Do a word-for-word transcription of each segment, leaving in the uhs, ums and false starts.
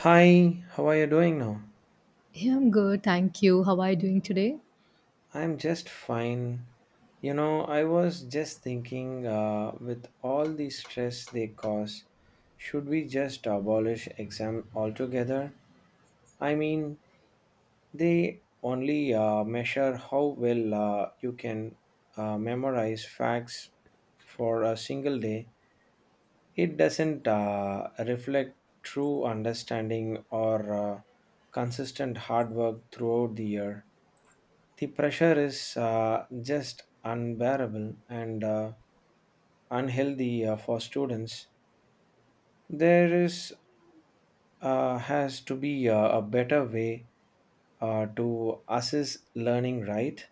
Hi, how are you doing now? Yeah, I'm good, thank you. How are you doing today? I'm just fine. You know, I was just thinking uh, with all the stress they cause, should we just abolish exam altogether? I mean, they only uh, measure how well uh, you can uh, memorize facts for a single day. It doesn't uh, reflect true understanding or uh, consistent hard work throughout the year. The pressure is uh, just unbearable and uh, unhealthy uh, for students. There is uh, has to be uh, a better way uh, to assess learning, right?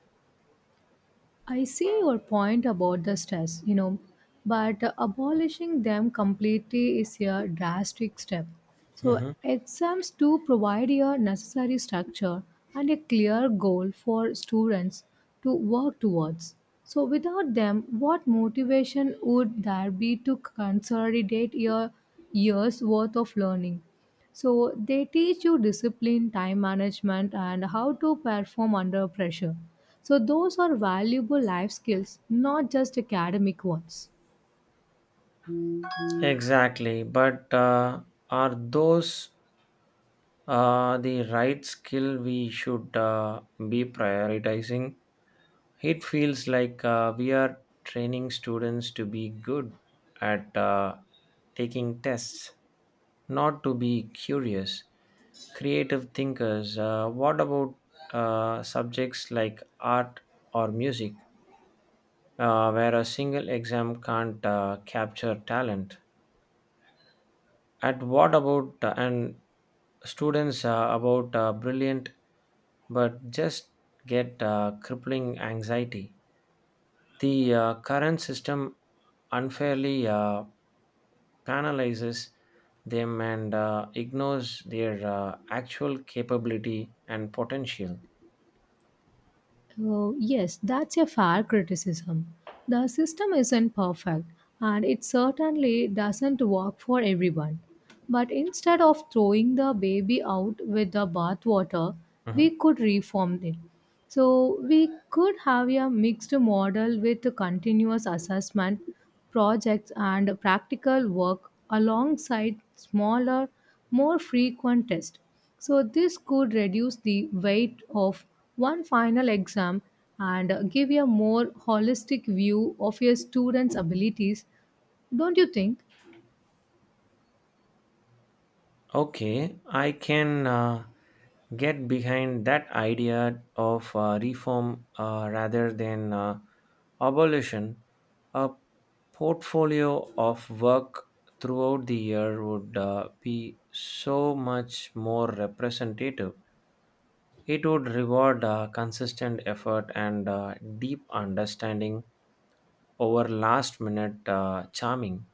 I see your point about the stress, you know, but abolishing them completely is a drastic step. So Mhm. exams do provide a necessary structure and a clear goal for students to work towards. So, without them, what motivation would there be to consolidate your year's worth of learning? So they teach you discipline, time management, and how to perform under pressure. So those are valuable life skills, not just academic ones. Exactly, but uh, are those uh, the right skill we should uh, be prioritizing? It feels like uh, we are training students to be good at uh, taking tests, not to be curious, creative thinkers. Uh, what about uh, subjects like art or music, uh, where a single exam can't uh, capture talent? At what about uh, and students uh, about uh, brilliant but just get uh, crippling anxiety. The uh, current system unfairly uh, penalizes them and uh, ignores their uh, actual capability and potential. Uh, yes, that's a fair criticism. The system isn't perfect, and it certainly doesn't work for everyone. But instead of throwing the baby out with the bathwater, Mhm. we could reform it. So we could have a mixed model with continuous assessment, projects, and practical work alongside smaller, more frequent tests. So this could reduce the weight of one final exam and give a more holistic view of your students' abilities, don't you think? Okay, I can uh, get behind that idea of uh, reform uh, rather than uh, abolition. A portfolio of work throughout the year would uh, be so much more representative. It would reward uh, consistent effort and uh, deep understanding over last minute uh, charming.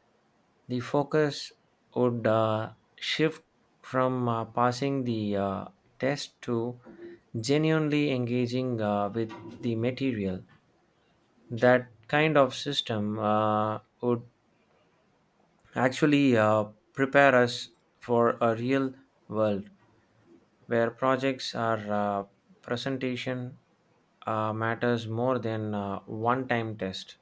The focus would uh, shift from uh, passing the uh, test to genuinely engaging uh, with the material. That kind of system uh, would actually uh, prepare us for a real world where projects or uh, presentation uh, matters more than uh, one time test.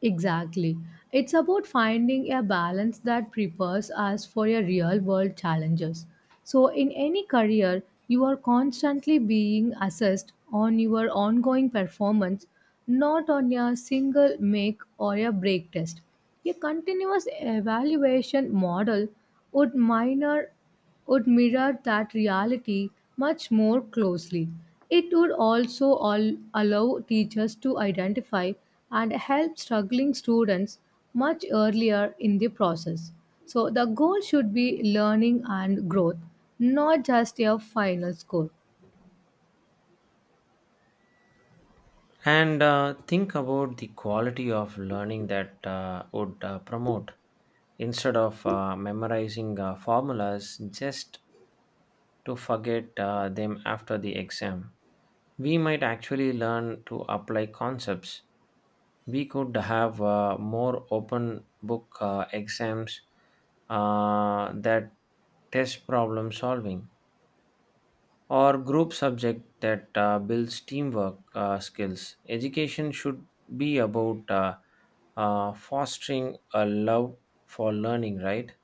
Exactly. It's about finding a balance that prepares us for your real world challenges. So, in any career, you are constantly being assessed on your ongoing performance, not on your single make or a break test. A continuous evaluation model would minor would mirror that reality much more closely. It would also all allow teachers to identify and help struggling students much earlier in the process. So the goal should be learning and growth, not just a final score. And uh, think about the quality of learning that uh, would uh, promote instead of uh, memorizing uh, formulas just to forget uh, them after the exam we might actually learn to apply concepts. We could have uh, more open book uh, exams uh, that test problem solving or group subject that uh, builds teamwork uh, skills. Education should be about uh, uh, fostering a love for learning, right?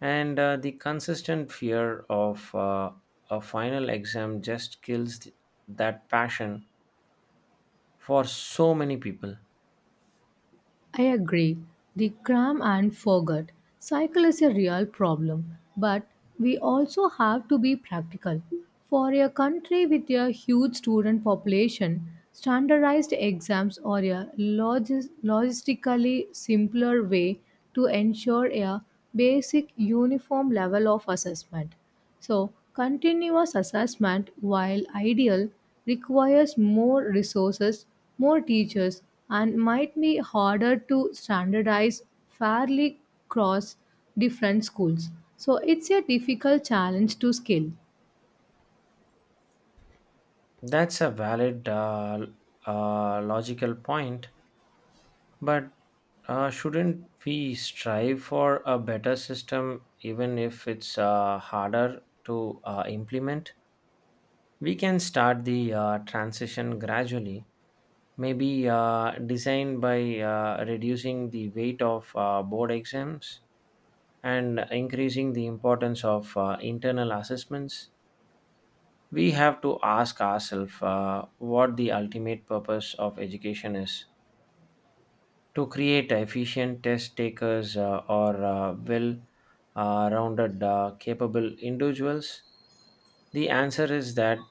And uh, the consistent fear of uh, a final exam just kills th- that passion for so many people. I agree. The cram and forget cycle is a real problem, but we also have to be practical. For a country with a huge student population, standardized exams are a logis- logistically simpler way to ensure a basic uniform level of assessment. So, continuous assessment, while ideal, requires more resources, more teachers, and might be harder to standardize fairly across different schools. So it's a difficult challenge to scale. That's a valid uh, uh, logical point, but uh, shouldn't we strive for a better system even if it's uh, harder to uh, implement? We can start the uh, transition gradually, maybe uh, designed by uh, reducing the weight of uh, board exams and increasing the importance of uh, internal assessments. We have to ask ourselves uh, what the ultimate purpose of education is, to create efficient test takers uh, or uh, well uh, rounded, uh, capable individuals. The answer is that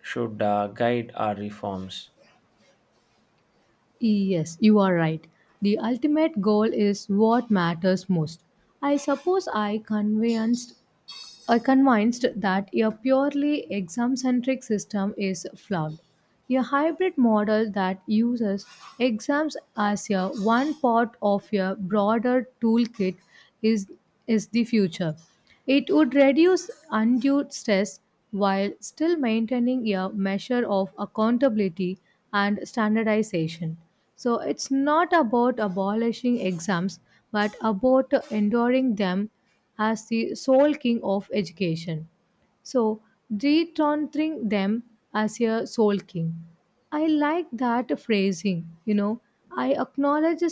should uh, guide our reforms. Yes, you are right. The ultimate goal is what matters most. I suppose I convinced are convinced that a purely exam centric system is flawed. A hybrid model that uses exams as a one part of a broader toolkit is, is the future. It would reduce undue stress while still maintaining a measure of accountability and standardization. So it's not about abolishing exams, but about enduring them as the sole king of education. So returning them as a soul king. I like that phrasing, you know. I acknowledge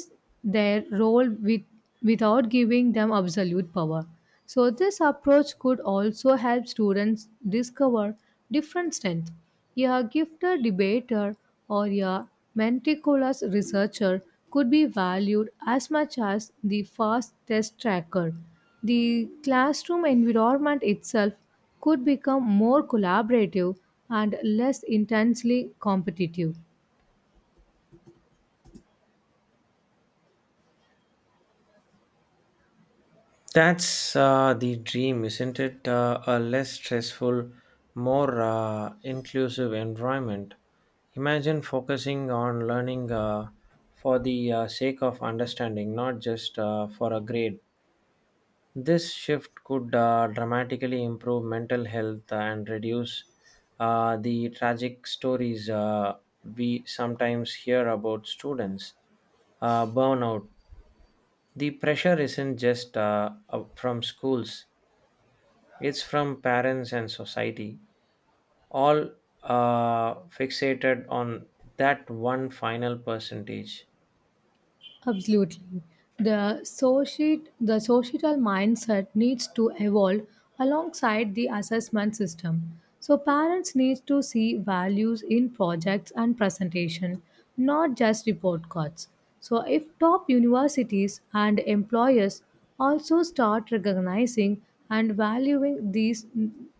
their role with, without giving them absolute power. So this approach could also help students discover different strengths. A gifted debater or a meticulous researcher could be valued as much as the fast test tracker. The classroom environment itself could become more collaborative and less intensely competitive. That's uh, the dream, isn't it? Uh, a less stressful, more uh, inclusive environment. Imagine focusing on learning uh, for the uh, sake of understanding, not just uh, for a grade. This shift could uh, dramatically improve mental health and reduce uh, the tragic stories uh, we sometimes hear about students. Uh, burnout. The pressure isn't just uh, uh, from schools. It's from parents and society, all uh, fixated on that one final percentage. Absolutely. The social, the societal mindset needs to evolve alongside the assessment system. So parents need to see values in projects and presentation, not just report cards. So if top universities and employers also start recognizing and valuing these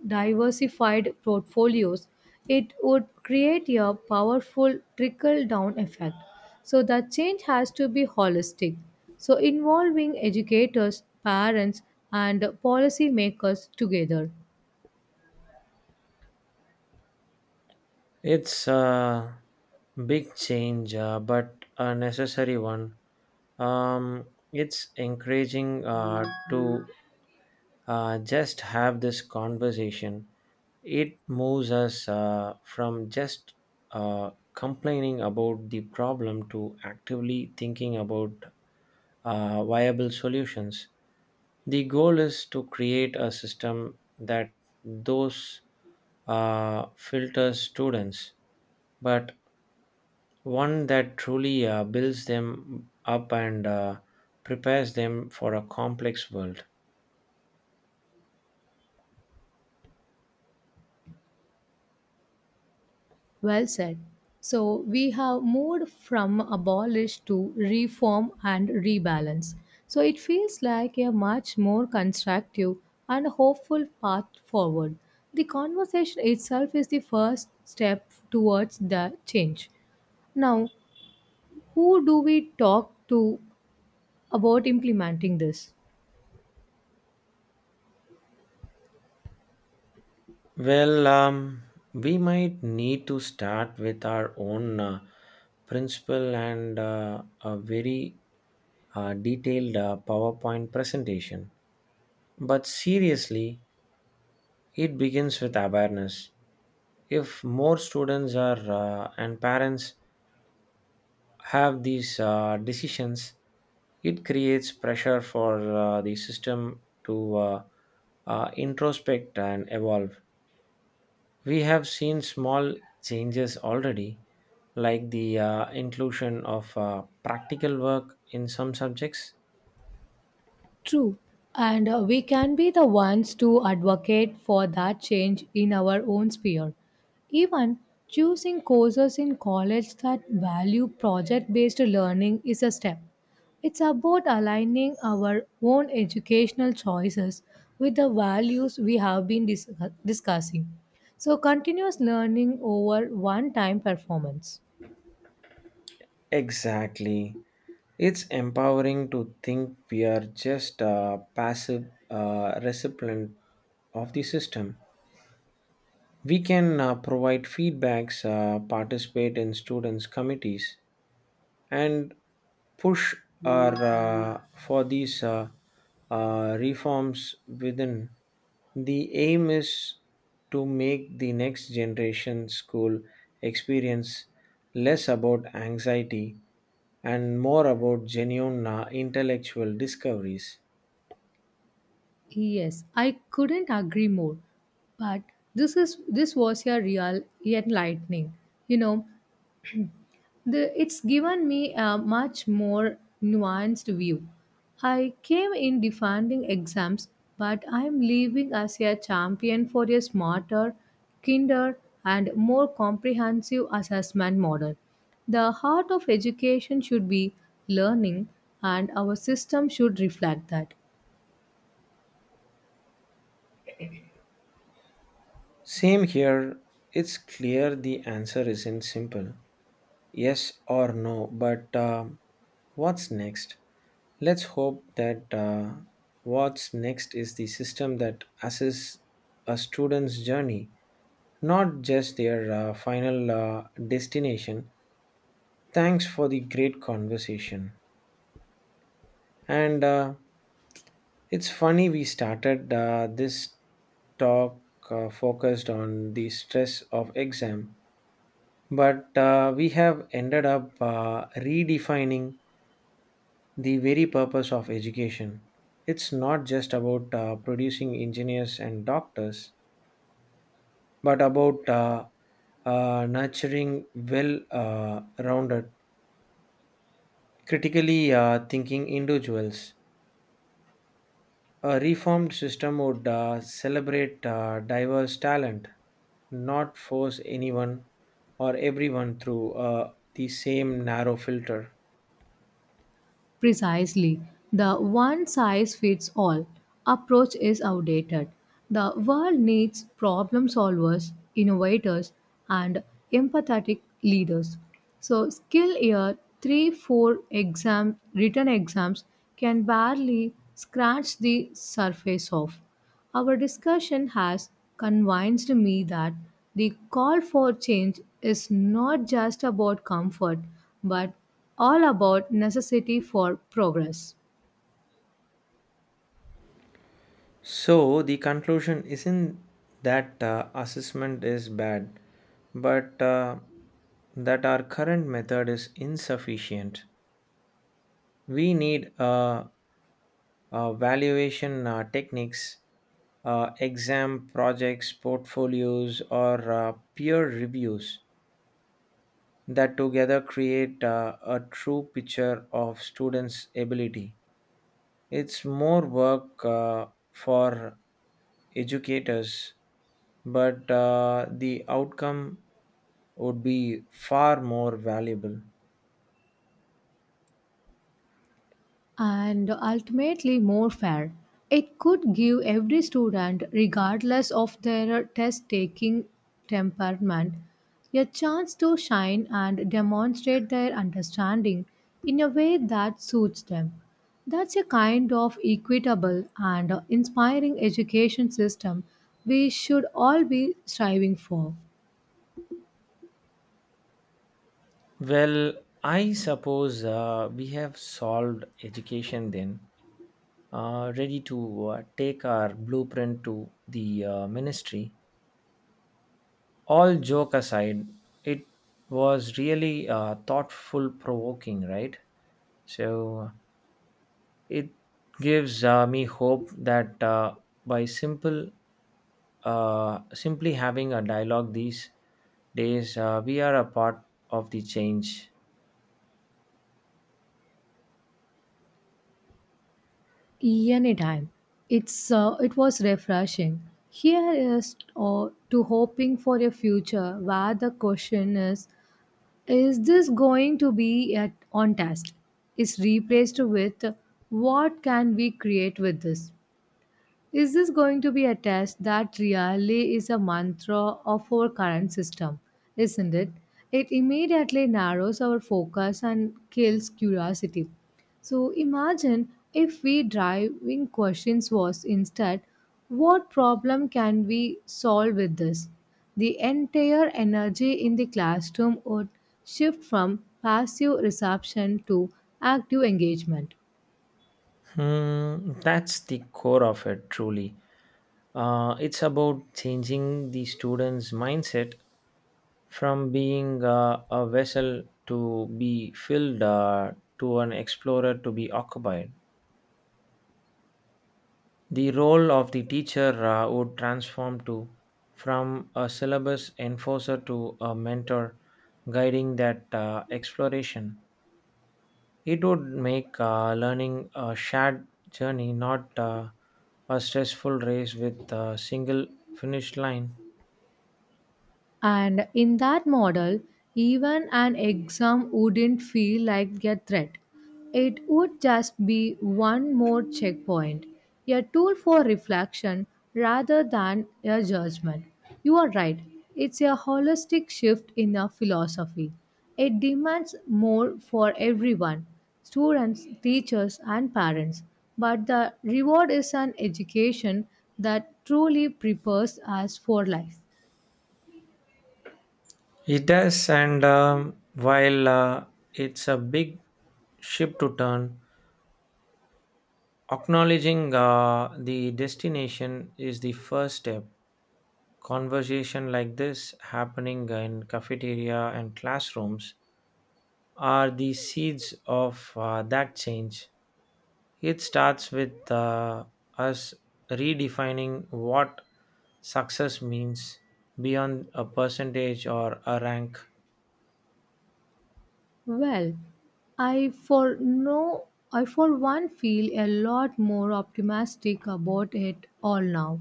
diversified portfolios, it would create a powerful trickle down effect. So the change has to be holistic. So involving educators, parents, and policymakers together. It's a big change, uh, but a necessary one. Um, it's encouraging uh, to uh, just have this conversation. It moves us uh, from just uh, complaining about the problem to actively thinking about uh, viable solutions. The goal is to create a system that those uh, filters students, but one that truly uh, builds them up and uh, prepares them for a complex world. Well said. So we have moved from abolish to reform and rebalance. So it feels like a much more constructive and hopeful path forward. The conversation itself is the first step towards the change. Now, who do we talk to about implementing this? Well, um, we might need to start with our own uh, principle and uh, a very uh, detailed uh, PowerPoint presentation. But seriously, it begins with awareness. If more students are uh, and parents have these uh, decisions, it creates pressure for uh, the system to uh, uh, introspect and evolve. We have seen small changes already, like the uh, inclusion of uh, practical work in some subjects. True. And uh, we can be the ones to advocate for that change in our own sphere. Even choosing courses in college that value project based learning is a step. It's about aligning our own educational choices with the values we have been dis- discussing. So, continuous learning over one time performance. Exactly. It's empowering to think we are just a passive uh, recipient of the system. We can uh, provide feedbacks, uh, participate in students' committees, and push are uh, for these uh, uh, reforms within. The aim is to make the next generation school experience less about anxiety and more about genuine uh, intellectual discoveries. Yes, I couldn't agree more. But this is this was a real enlightening. You know, the it's given me a much more nuanced view. I came in defending exams, but I'm leaving as a champion for a smarter, kinder, and more comprehensive assessment model. The heart of education should be learning, and our system should reflect that. Same here, it's clear the answer isn't simple yes or no, but um what's next? Let's hope that uh, what's next is the system that assesses a student's journey, not just their uh, final uh, destination. Thanks for the great conversation. And uh, it's funny we started uh, this talk uh, focused on the stress of exam, but uh, we have ended up uh, redefining the very purpose of education. It's not just about uh, producing engineers and doctors, but about uh, uh, nurturing well uh, rounded, critically uh, thinking individuals. A reformed system would uh, celebrate uh, diverse talent, not force anyone or everyone through uh, the same narrow filter. Precisely. The one size fits all approach is outdated. The world needs problem solvers, innovators, and empathetic leaders. So, skill year three four exam, written exams can barely scratch the surface of. Our discussion has convinced me that the call for change is not just about comfort, but all about necessity for progress. So the conclusion isn't that uh, assessment is bad, but uh, that our current method is insufficient. We need uh, uh, valuation uh, techniques, uh, exam projects, portfolios, or uh, peer reviews that together create uh, a true picture of students' ability. It's more work uh, for educators, but uh, the outcome would be far more valuable. And ultimately more fair. It could give every student, regardless of their test taking temperament, a chance to shine and demonstrate their understanding in a way that suits them. That's a kind of equitable and inspiring education system we should all be striving for. Well, I suppose uh, we have solved education then, uh, ready to uh, take our blueprint to the uh, ministry. All joke aside, it was really uh, thoughtful provoking, right? So it gives uh, me hope that uh, by simple, uh, simply having a dialogue these days, uh, we are a part of the change. Anytime. It's uh, it was refreshing. Here is uh, to hoping for a future where the question is: Is this going to be at on task? Is replaced with: What can we create with this? Is this going to be a test that really is a mantra of our current system, isn't it? It immediately narrows our focus and kills curiosity. So imagine if we driving questions was instead, what problem can we solve with this? The entire energy in the classroom would shift from passive reception to active engagement. Hmm, that's the core of it, truly. Uh, it's about changing the students' mindset from being uh, a vessel to be filled uh, to an explorer to be occupied. The role of the teacher uh, would transform to from a syllabus enforcer to a mentor guiding that uh, exploration. It would make uh, learning a shared journey, not uh, a stressful race with a single finish line. And in that model, even an exam wouldn't feel like a threat. It would just be one more checkpoint, a tool for reflection rather than a judgment. You are right, it's a holistic shift in our philosophy. It demands more for everyone students, teachers, and parents. But the reward is an education that truly prepares us for life. It does, and um, while uh, it's a big ship to turn, acknowledging uh, the destination is the first step. Conversation like this happening in cafeteria and classrooms are the seeds of uh, that change. It starts with uh, us redefining what success means beyond a percentage or a rank. Well, I for no I for one feel a lot more optimistic about it all now.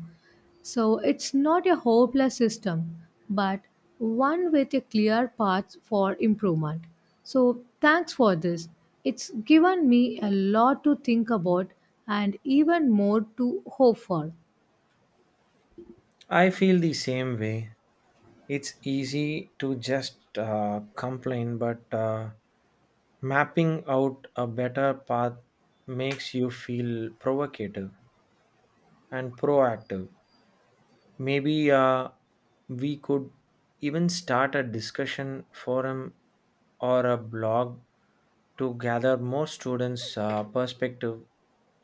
So it's not a hopeless system, but one with a clear path for improvement. So thanks for this. It's given me a lot to think about and even more to hope for. I feel the same way. It's easy to just uh, complain, but uh, mapping out a better path makes you feel provocative and proactive. Maybe uh, we could even start a discussion forum or a blog to gather more students' uh, perspective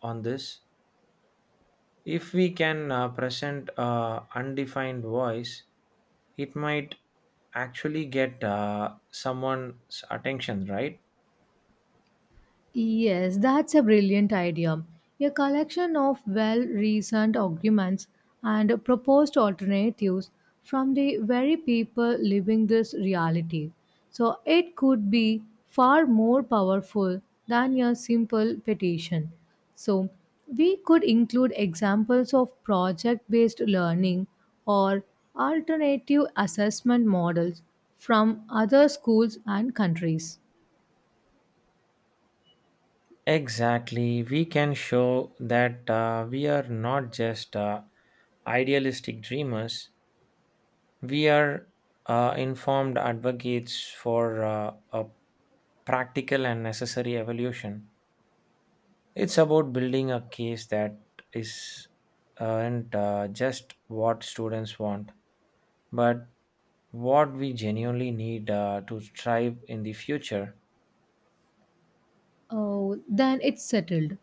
on this. If we can uh, present a undefined voice, it might actually get uh, someone's attention, right? Yes, that's a brilliant idea. A collection of well reasoned arguments and proposed alternatives from the very people living this reality. So it could be far more powerful than a simple petition. So we could include examples of project based learning or alternative assessment models from other schools and countries. Exactly. We can show that uh, we are not just uh, idealistic dreamers, we are uh, informed advocates for uh, a practical and necessary evolution. It's about building a case that is uh, and uh, just what students want, but what we genuinely need uh, to thrive in the future. Oh, then it's settled.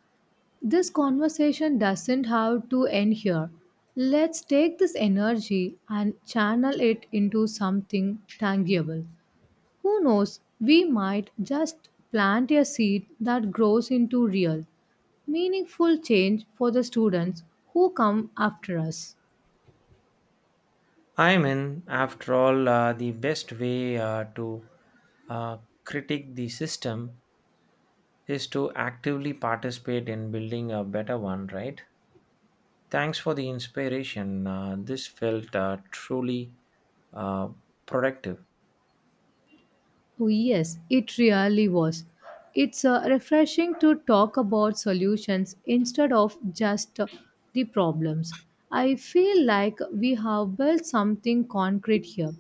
This conversation doesn't have to end here. Let's take this energy and channel it into something tangible. Who knows, we might just plant a seed that grows into real, meaningful change for the students who come after us. I mean, after all, uh, the best way uh, to uh, critique the system is to actively participate in building a better one, right? Thanks for the inspiration. Uh, this felt uh, truly uh, productive. Oh, yes, it really was. It's uh, refreshing to talk about solutions instead of just uh, the problems. I feel like we have built something concrete here.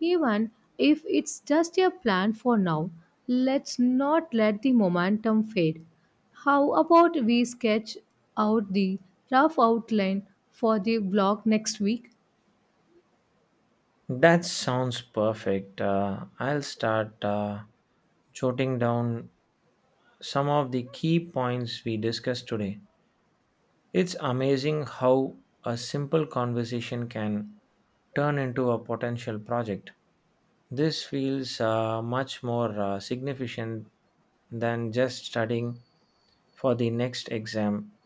Even if it's just a plan for now, let's not let the momentum fade. How about we sketch out the rough outline for the blog next week? That sounds perfect. Uh, I'll start uh, jotting down some of the key points we discussed today. It's amazing how a simple conversation can turn into a potential project. This feels uh, much more uh, significant than just studying for the next exam.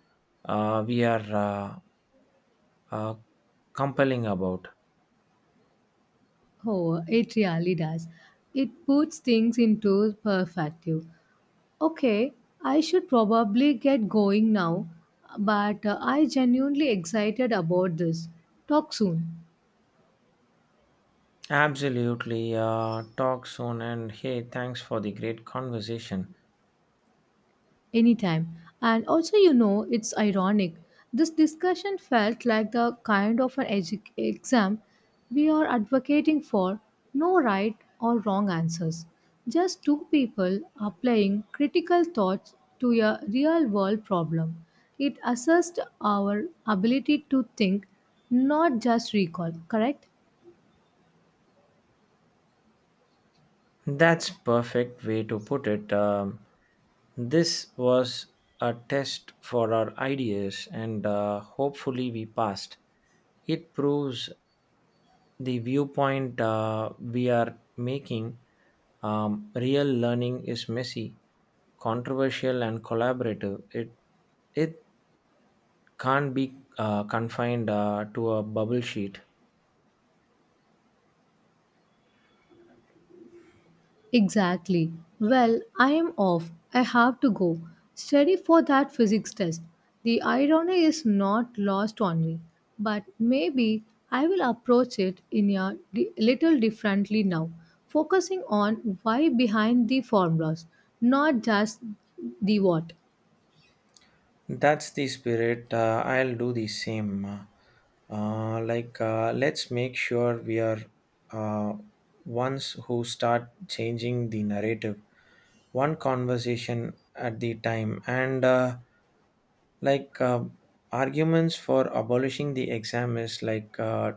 Uh, we are uh, uh, compelling about. Oh, it really does. It puts things into perspective. Okay, I should probably get going now, but uh, I genuinely excited about this. Talk soon. Absolutely. Uh, talk soon. And hey, thanks for the great conversation. Anytime. And also, you know, it's ironic. This discussion felt like the kind of an edu- exam we are advocating for no right or wrong answers. Just two people applying critical thoughts to a real world problem. It assessed our ability to think, not just recall, correct? That's perfect way to put it. Um, this was a test for our ideas, and uh, hopefully we passed. It proves the viewpoint uh, we are making. Um, real learning is messy, controversial, and collaborative. It it can't be uh, confined uh, to a bubble sheet. Exactly. Well, I am off. I have to go. Study for that physics test. The irony is not lost on me, but maybe I will approach it in a di- little differently now, focusing on why behind the formulas, not just the what. That's the spirit. Uh, I'll do the same. Uh, like, uh, let's make sure we are uh, ones who start changing the narrative, one conversation at the time, and uh, like uh, arguments for abolishing the exam is like uh,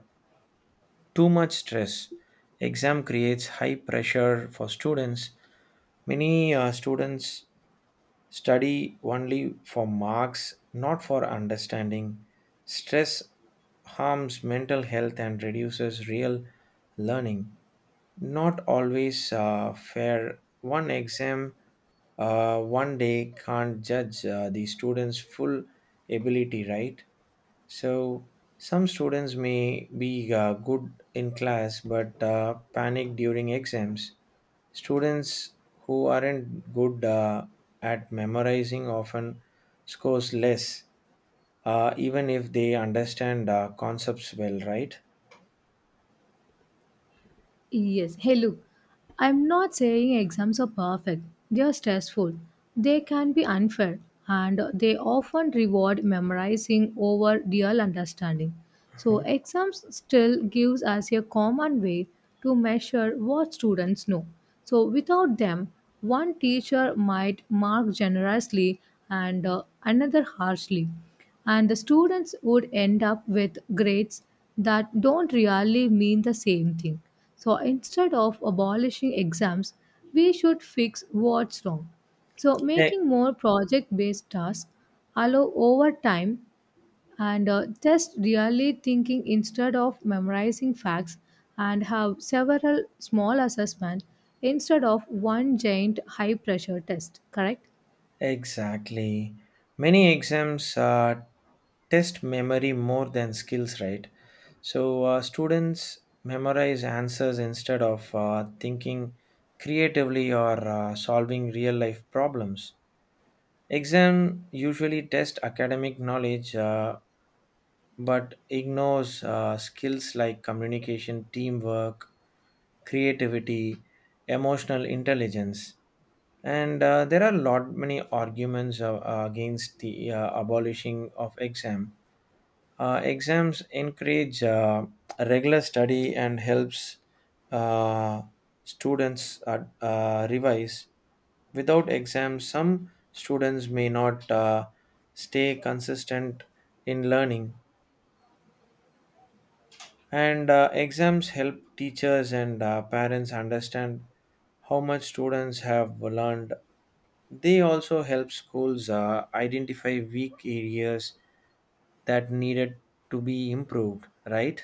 too much stress. Exam creates high pressure for students. Many uh, students study only for marks, not for understanding. Stress harms mental health and reduces real learning. Not always uh, fair. One exam, uh, one day can't judge uh, the student's full ability, right? So, some students may be uh, good in class but uh, panic during exams. Students who aren't good uh, at memorizing often scores less, uh, even if they understand uh, concepts well, right? Yes. Hey, look, I'm not saying exams are perfect. They are stressful. They can be unfair. And they often reward memorizing over real understanding. So Mhm. exams still gives us a common way to measure what students know. So, without them, one teacher might mark generously and uh, another harshly. And the students would end up with grades that don't really mean the same thing. So instead of abolishing exams, we should fix what's wrong. So E- making more project based tasks allow overtime and uh, test really thinking instead of memorizing facts and have several small assessments instead of one giant high pressure test, correct? Exactly. Many exams uh, test memory more than skills, right? So uh, students memorize answers instead of uh, thinking creatively or uh, solving real life problems. Exam usually test academic knowledge, uh, but ignores uh, skills like communication, teamwork, creativity, emotional intelligence. And uh, there are a lot many arguments uh, uh, against the uh, abolishing of exam. Uh, exams encourage uh, regular study and helps uh, students uh, uh, revise. Without exams, some students may not uh, stay consistent in learning. And uh, exams help teachers and uh, parents understand how much students have learned. They also help schools uh, identify weak areas that needed to be improved, right?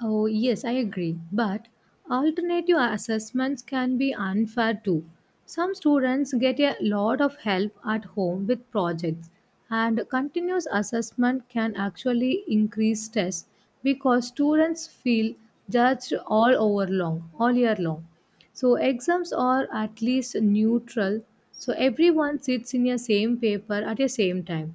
Oh, yes, I agree. But alternative assessments can be unfair too. Some students get a lot of help at home with projects, and continuous assessment can actually increase stress because students feel judged all over long, all year long. So exams are at least neutral. So everyone sits in a same paper at a same time.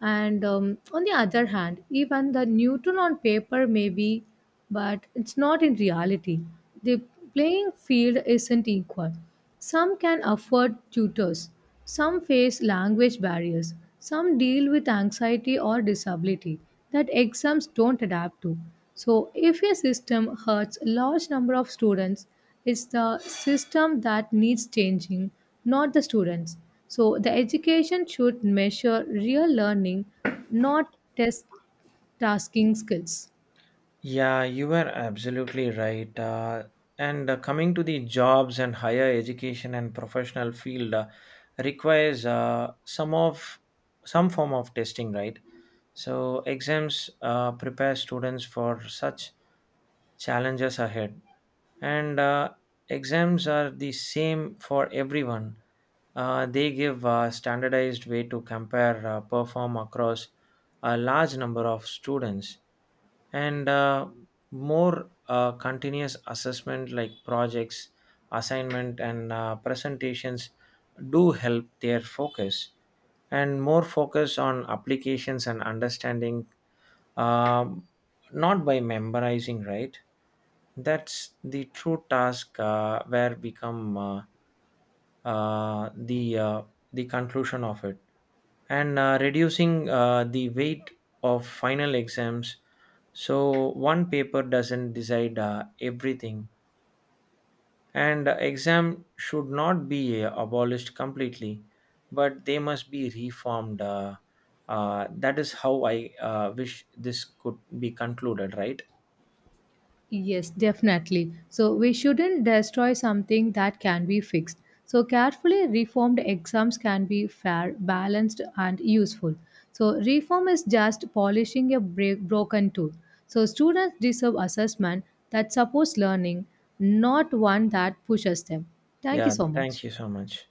And um, on the other hand, even the Newton on paper may be, but it's not in reality. The playing field isn't equal. Some can afford tutors, some face language barriers, some deal with anxiety or disability that exams don't adapt to. So if a system hurts a large number of students, it's the system that needs changing, not the students. So the education should measure real learning, not test tasking skills. Yeah, you were absolutely right. Uh, and uh, Coming to the jobs and higher education and professional field uh, requires uh, some of some form of testing, right? So exams uh, prepare students for such challenges ahead. And uh, exams are the same for everyone. Uh, they give a standardized way to compare uh, perform across a large number of students and uh, more uh, continuous assessment like projects assignment and uh, presentations do help their focus and more focus on applications and understanding, um, not by memorizing, right? That's the true task uh, where become uh, uh, the uh, the conclusion of it, and uh, reducing uh, the weight of final exams, so one paper doesn't decide uh, everything, and uh, exam should not be uh, abolished completely, but they must be reformed uh, uh, that is how i uh, wish this could be concluded, right? Yes, definitely. So we shouldn't destroy something that can be fixed. So carefully reformed exams can be fair, balanced, and useful. So reform is just polishing a break, broken tool. So students deserve assessment that supports learning, not one that pushes them. Thank you Yeah, so thank much. you so much.